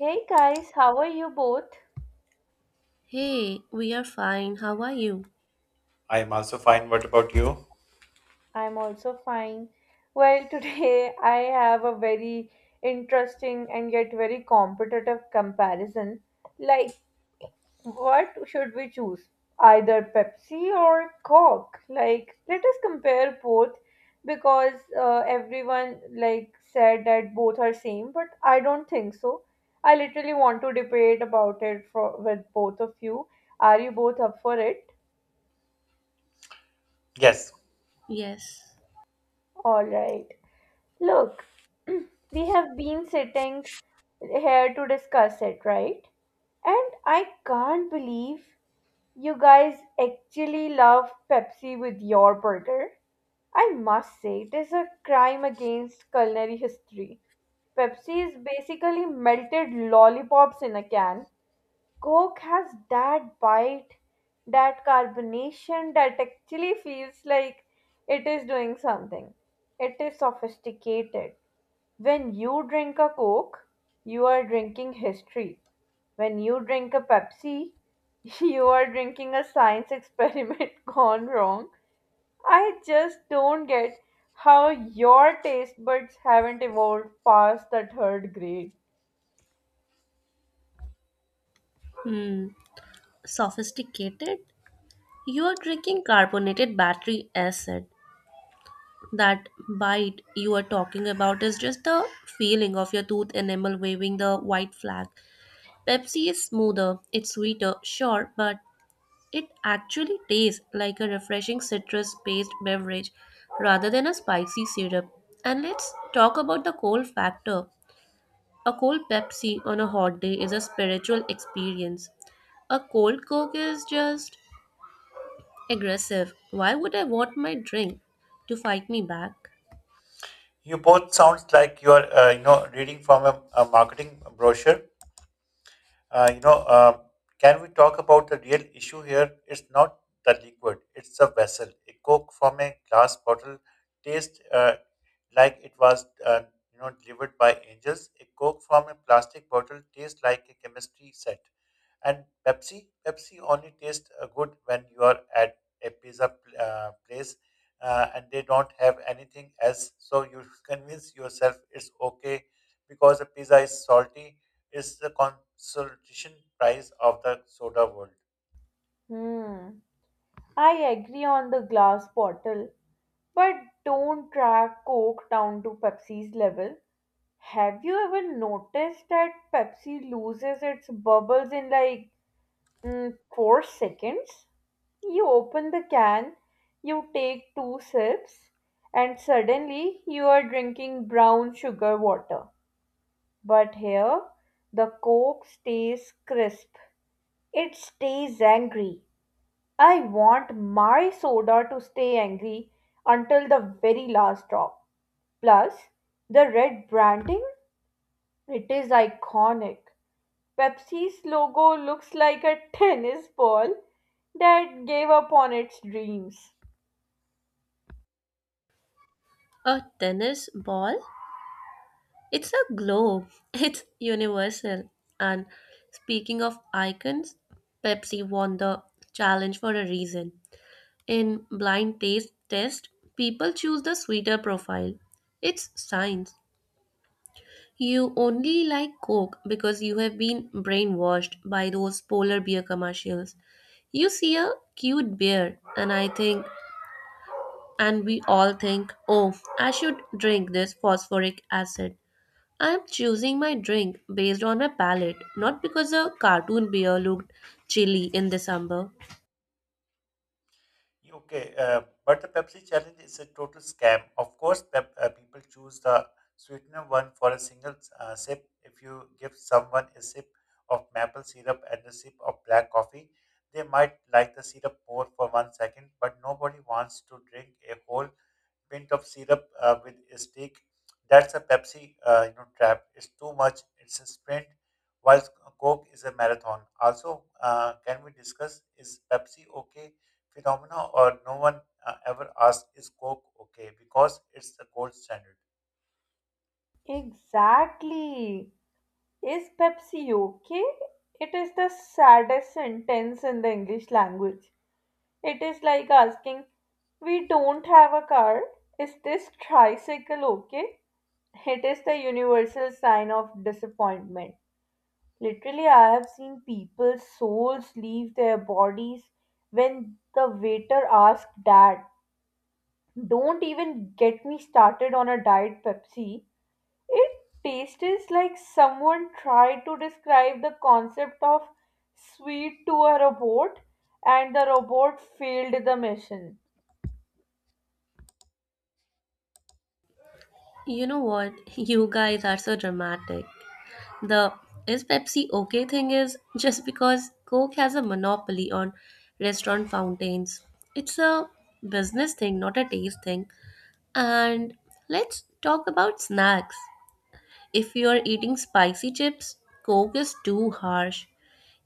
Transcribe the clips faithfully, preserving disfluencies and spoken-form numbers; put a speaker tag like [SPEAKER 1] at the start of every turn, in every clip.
[SPEAKER 1] Hey guys, how are you both?
[SPEAKER 2] Hey, we are fine. How are you?
[SPEAKER 3] I am also fine. What about you?
[SPEAKER 1] I'm also fine. Well, today I have a very interesting and yet very competitive comparison. Like, what should we choose? Either Pepsi or Coke? Like, let us compare both because uh, everyone like said that both are same, but I don't think so. I literally want to debate about it for, with both of you. Are you both up for it?
[SPEAKER 3] Yes,
[SPEAKER 2] Yes.
[SPEAKER 1] All right. Look, we have been sitting here to discuss it, right? And I can't believe you guys actually love Pepsi with your burger. I must say, it is a crime against culinary history. Pepsi is basically melted lollipops in a can. Coke has that bite, that carbonation that actually feels like it is doing something. It is sophisticated. When you drink a Coke, you are drinking history. When you drink a Pepsi, you are drinking a science experiment gone wrong. I just don't get how your taste buds haven't evolved past the third grade.
[SPEAKER 2] Hmm. Sophisticated? You are drinking carbonated battery acid. That bite you are talking about is just the feeling of your tooth enamel waving the white flag. Pepsi is smoother, it's sweeter, sure, but it actually tastes like a refreshing citrus based beverage rather than a spicy syrup. And let's talk about the cold factor. A cold Pepsi on a hot day is a spiritual experience. A cold Coke is just aggressive. Why would I want my drink to fight me back?
[SPEAKER 3] you both sounds like you are, uh, you know, reading from a, a marketing brochure. Uh, you know, uh, can we talk about the real issue here? It's not the liquid; it's the vessel. A Coke from a glass bottle tastes uh, like it was, uh, you know, delivered by angels. A Coke from a plastic bottle tastes like a chemistry set. And Pepsi, Pepsi only tastes uh, good when you are at a pizza pl- uh, place uh, and they don't have anything else. So you convince yourself it's okay because the pizza is salty. It's the consolation prize of the soda world.
[SPEAKER 1] Hmm. I agree on the glass bottle, but don't track Coke down to Pepsi's level. Have you ever noticed that Pepsi loses its bubbles in like Mm, four seconds. You open the can, you take two sips, and suddenly you are drinking brown sugar water. But here, the Coke stays crisp. It stays angry. I want my soda to stay angry until the very last drop. Plus, the red branding, it is iconic. Pepsi's logo looks like a tennis ball that gave up on its dreams.
[SPEAKER 2] A tennis ball? It's a globe. It's universal. And speaking of icons, Pepsi won the challenge for a reason. In blind taste test, people choose the sweeter profile. It's science. You only like Coke because you have been brainwashed by those polar bear commercials. You see a cute bear, and I think, and we all think, oh, I should drink this phosphoric acid. I am choosing my drink based on my palate, not because a cartoon bear looked chilly in December.
[SPEAKER 3] Okay, uh, but the Pepsi challenge is a total scam. Of course, pep, uh, people choose the sweetener one for a single uh, sip. If you give someone a sip of maple syrup and a sip of black coffee, they might like the syrup more for one second, but nobody wants to drink a whole pint of syrup uh, with a stick. That's a Pepsi uh, you know, trap. It's too much. It's a sprint, while Coke is a marathon. Also, uh, can we discuss is Pepsi okay phenomena or no one uh, ever asks is Coke okay because it's the gold standard.
[SPEAKER 1] Exactly. Is Pepsi okay? It is the saddest sentence in the English language. It is like asking, "We don't have a car. Is this tricycle okay?" It is the universal sign of disappointment. Literally, I have seen people's souls leave their bodies when the waiter asked that. Don't even get me started on a diet Pepsi. It tastes like someone tried to describe the concept of sweet to a robot and the robot failed the mission.
[SPEAKER 2] You know what? You guys are so dramatic. The is Pepsi okay thing is just because Coke has a monopoly on restaurant fountains. It's a business thing, not a taste thing. And let's talk about snacks. If you're eating spicy chips, Coke is too harsh.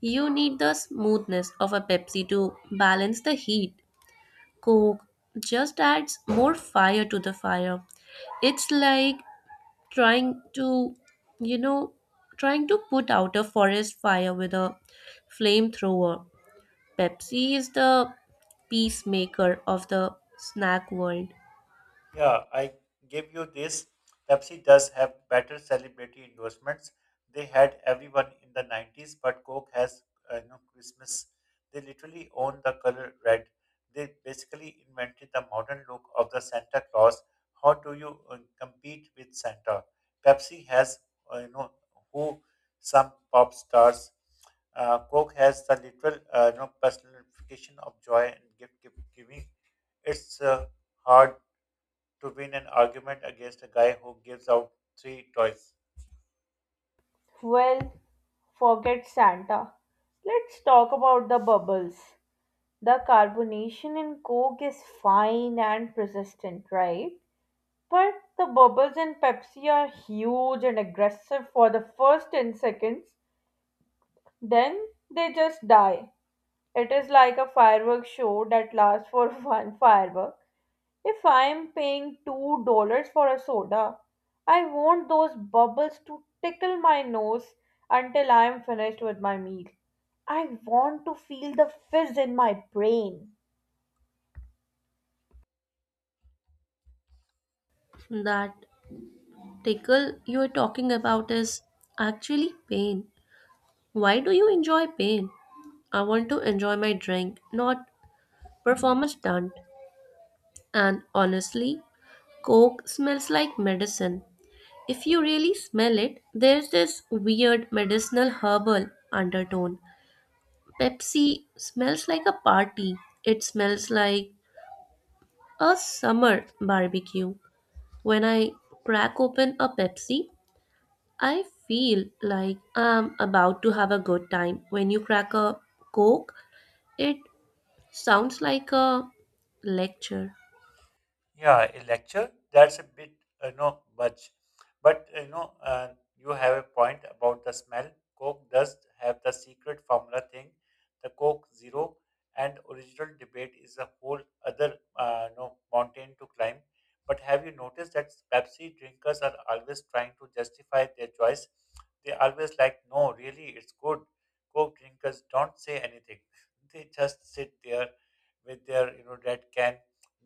[SPEAKER 2] You need the smoothness of a Pepsi to balance the heat. Coke just adds more fire to the fire. It's like trying to, you know, trying to put out a forest fire with a flamethrower. Pepsi is the peacemaker of the snack world.
[SPEAKER 3] Yeah, I give you this. Pepsi does have better celebrity endorsements. They had everyone in the nineties, but Coke has uh, you know, Christmas. They literally own the color red. They basically invented the modern look of the Santa Claus. How do you uh, compete with Santa? Pepsi has, uh, you know, who, some pop stars. Uh, Coke has the literal, uh, you know, personification of joy and gift, gift giving. It's uh, hard to win an argument against a guy who gives out three toys.
[SPEAKER 1] Well, forget Santa. Let's talk about the bubbles. The carbonation in Coke is fine and persistent, right? But the bubbles in Pepsi are huge and aggressive for the first ten seconds. Then they just die. It is like a fireworks show that lasts for one firework. If I am paying two dollars for a soda, I want those bubbles to tickle my nose until I am finished with my meal. I want to feel the fizz in my brain.
[SPEAKER 2] That tickle you are talking about is actually pain. Why do you enjoy pain? I want to enjoy my drink, not perform a stunt. And honestly, Coke smells like medicine. If you really smell it, there's this weird medicinal herbal undertone. Pepsi smells like a party. It smells like a summer barbecue. When I crack open a Pepsi, I feel like I'm about to have a good time. When you crack a Coke, it sounds like a lecture.
[SPEAKER 3] Yeah, a lecture, that's a bit, you know, much. But, you know, uh, you have a point about the smell. Coke does have the secret formula thing, the Coke Zero, and original debate is a whole other, uh, you know, mountain to climb. But have you noticed that Pepsi drinkers are always trying to justify their choice? They always like, no, really, it's good. Coke drinkers don't say anything. They just sit there with their, you know, red can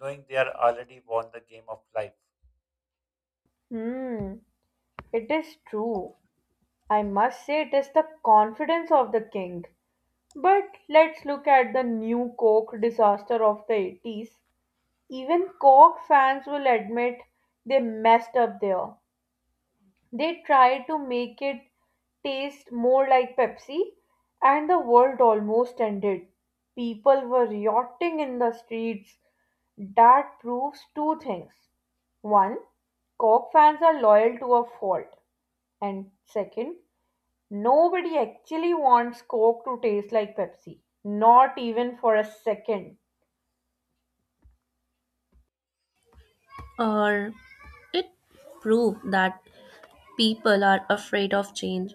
[SPEAKER 3] knowing they are already won the game of life.
[SPEAKER 1] Hmm, it is true. I must say it is the confidence of the king. But let's look at the new Coke disaster of the eighties. Even Cork fans will admit they messed up there. They tried to make it taste more like Pepsi, and the world almost ended. People were rioting in the streets. That proves two things. One, Cork fans are loyal to a fault. And second, nobody actually wants Coke to taste like Pepsi. Not even for a second.
[SPEAKER 2] Or it proves that people are afraid of change.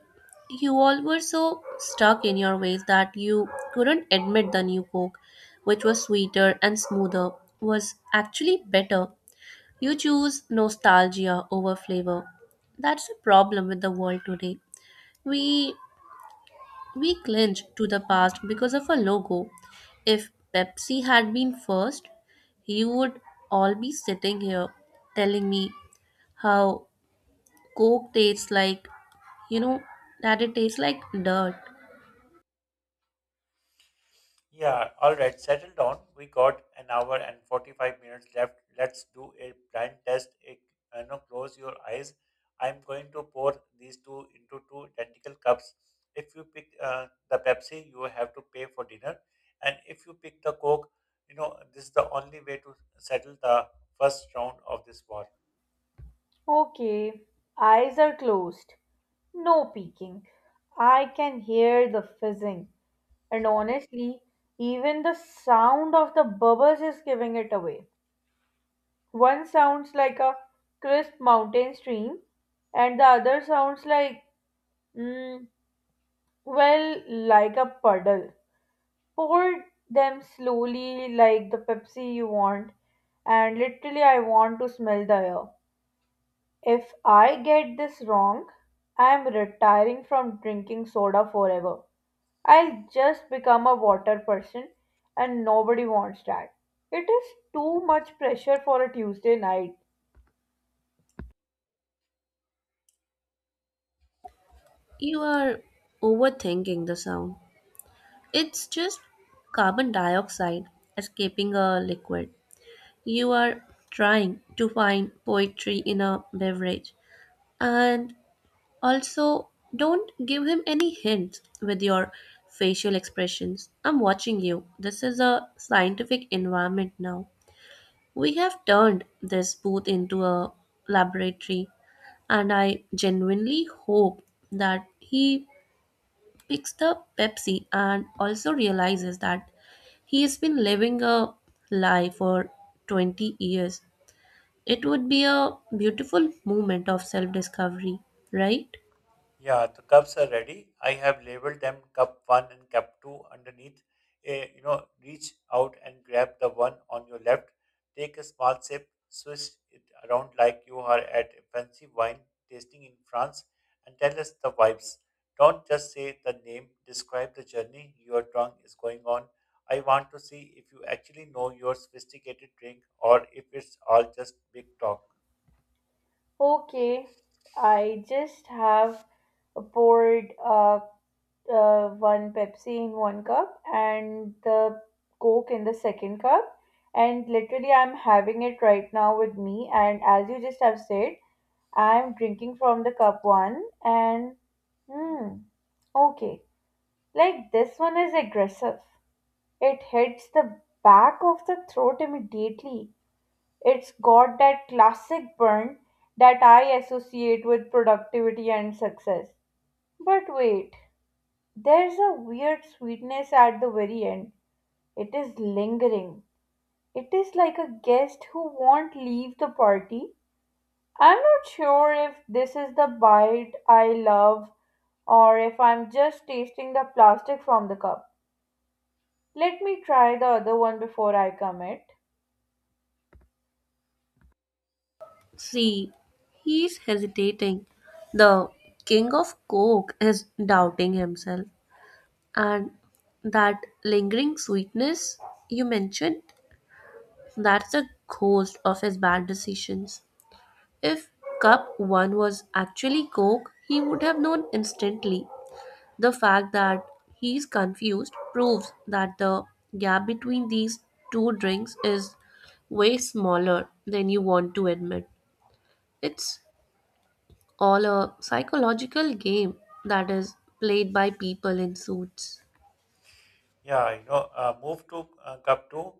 [SPEAKER 2] You all were so stuck in your ways that you couldn't admit the new Coke, which was sweeter and smoother, was actually better. You choose nostalgia over flavor. That's the problem with the world today. We we clinch to the past because of a logo. If Pepsi had been first, you would all be sitting here telling me how Coke tastes like, you know, that it tastes like dirt.
[SPEAKER 3] Yeah, all right, settle down. We got an hour and forty-five minutes left. Let's do a blind test. A, you know, close your eyes. I'm going to pour these two into two identical cups. If you pick uh, the Pepsi, you have to pay for dinner. And if you pick the Coke, you know, this is the only way to settle the first round of this war.
[SPEAKER 1] Okay, eyes are closed. No peeking. I can hear the fizzing, and honestly, even the sound of the bubbles is giving it away. One sounds like a crisp mountain stream, and the other sounds like, mm, well, like a puddle. Pour them slowly, like the Pepsi you want, and literally, I want to smell the air. If I get this wrong, I'm retiring from drinking soda forever. I'll just become a water person, and nobody wants that. It is too much pressure for a Tuesday night.
[SPEAKER 2] You are overthinking the sound. It's just carbon dioxide escaping a liquid. You are trying to find poetry in a beverage. And also, don't give him any hints with your facial expressions. I'm watching you. This is a scientific environment now. We have turned this booth into a laboratory, and I genuinely hope that he picks the Pepsi and also realizes that he has been living a lie for twenty years. It would be a beautiful moment of self discovery, right?
[SPEAKER 3] Yeah, the cups are ready. I have labeled them cup one and cup two underneath. Eh, you know, reach out and grab the one on your left. Take a small sip, swish it around like you are at a fancy wine tasting in France, and tell us the vibes. Don't just say the name, describe the journey your tongue is going on. I want to see if you actually know your sophisticated drink or if it's all just big talk.
[SPEAKER 1] Okay, I just have poured uh, uh, one Pepsi in one cup and the Coke in the second cup, and literally, I'm having it right now with me. And as you just have said, I'm drinking from the cup one and hmm okay. Like this one is aggressive. It hits the back of the throat immediately. It's got that classic burn that I associate with productivity and success. But wait, there's a weird sweetness at the very end. It is lingering. It is like a guest who won't leave the party. I'm not sure if this is the bite I love or if I'm just tasting the plastic from the cup. Let me try the other one before I commit.
[SPEAKER 2] See, he's hesitating. The king of coke is doubting himself. And that lingering sweetness you mentioned, that's a ghost of his bad decisions. If cup one was actually Coke, he would have known instantly. The fact that he's confused proves that the gap between these two drinks is way smaller than you want to admit. It's all a psychological game that is played by people in suits.
[SPEAKER 3] Yeah, you know, uh, move to uh, cup two,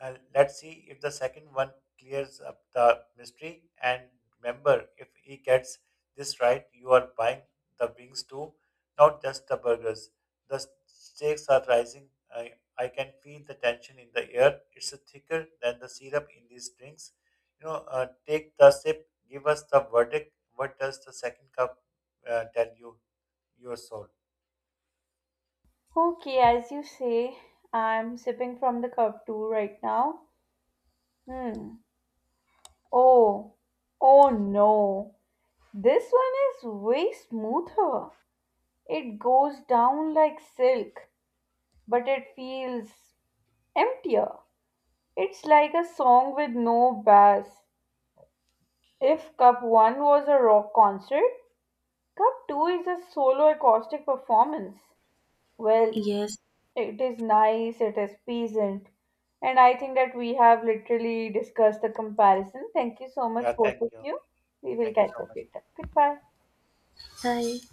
[SPEAKER 3] and let's see if the second one clears up the mystery. And remember, if he gets this right, you are buying the wings too, not just the burgers. The stakes are rising. I, I can feel the tension in the air. It's thicker than the syrup in these drinks. You know, uh, take the sip. Give us the verdict. What does the second cup uh, tell you, your soul?
[SPEAKER 1] Okay, as you say, I'm sipping from the cup too right now. Hmm. Oh, oh no. This one is way smoother. It goes down like silk, but it feels emptier. It's like a song with no bass. If Cup one was a rock concert, Cup two is a solo acoustic performance. Well,
[SPEAKER 2] Yes,
[SPEAKER 1] it is nice, it is pleasant, and I think that we have literally discussed the comparison. Thank you so much,
[SPEAKER 3] Yeah, thank
[SPEAKER 1] both of
[SPEAKER 3] you.
[SPEAKER 1] you. We will
[SPEAKER 3] Thank you
[SPEAKER 1] catch
[SPEAKER 3] so
[SPEAKER 1] up
[SPEAKER 3] much.
[SPEAKER 1] later. Goodbye.
[SPEAKER 2] I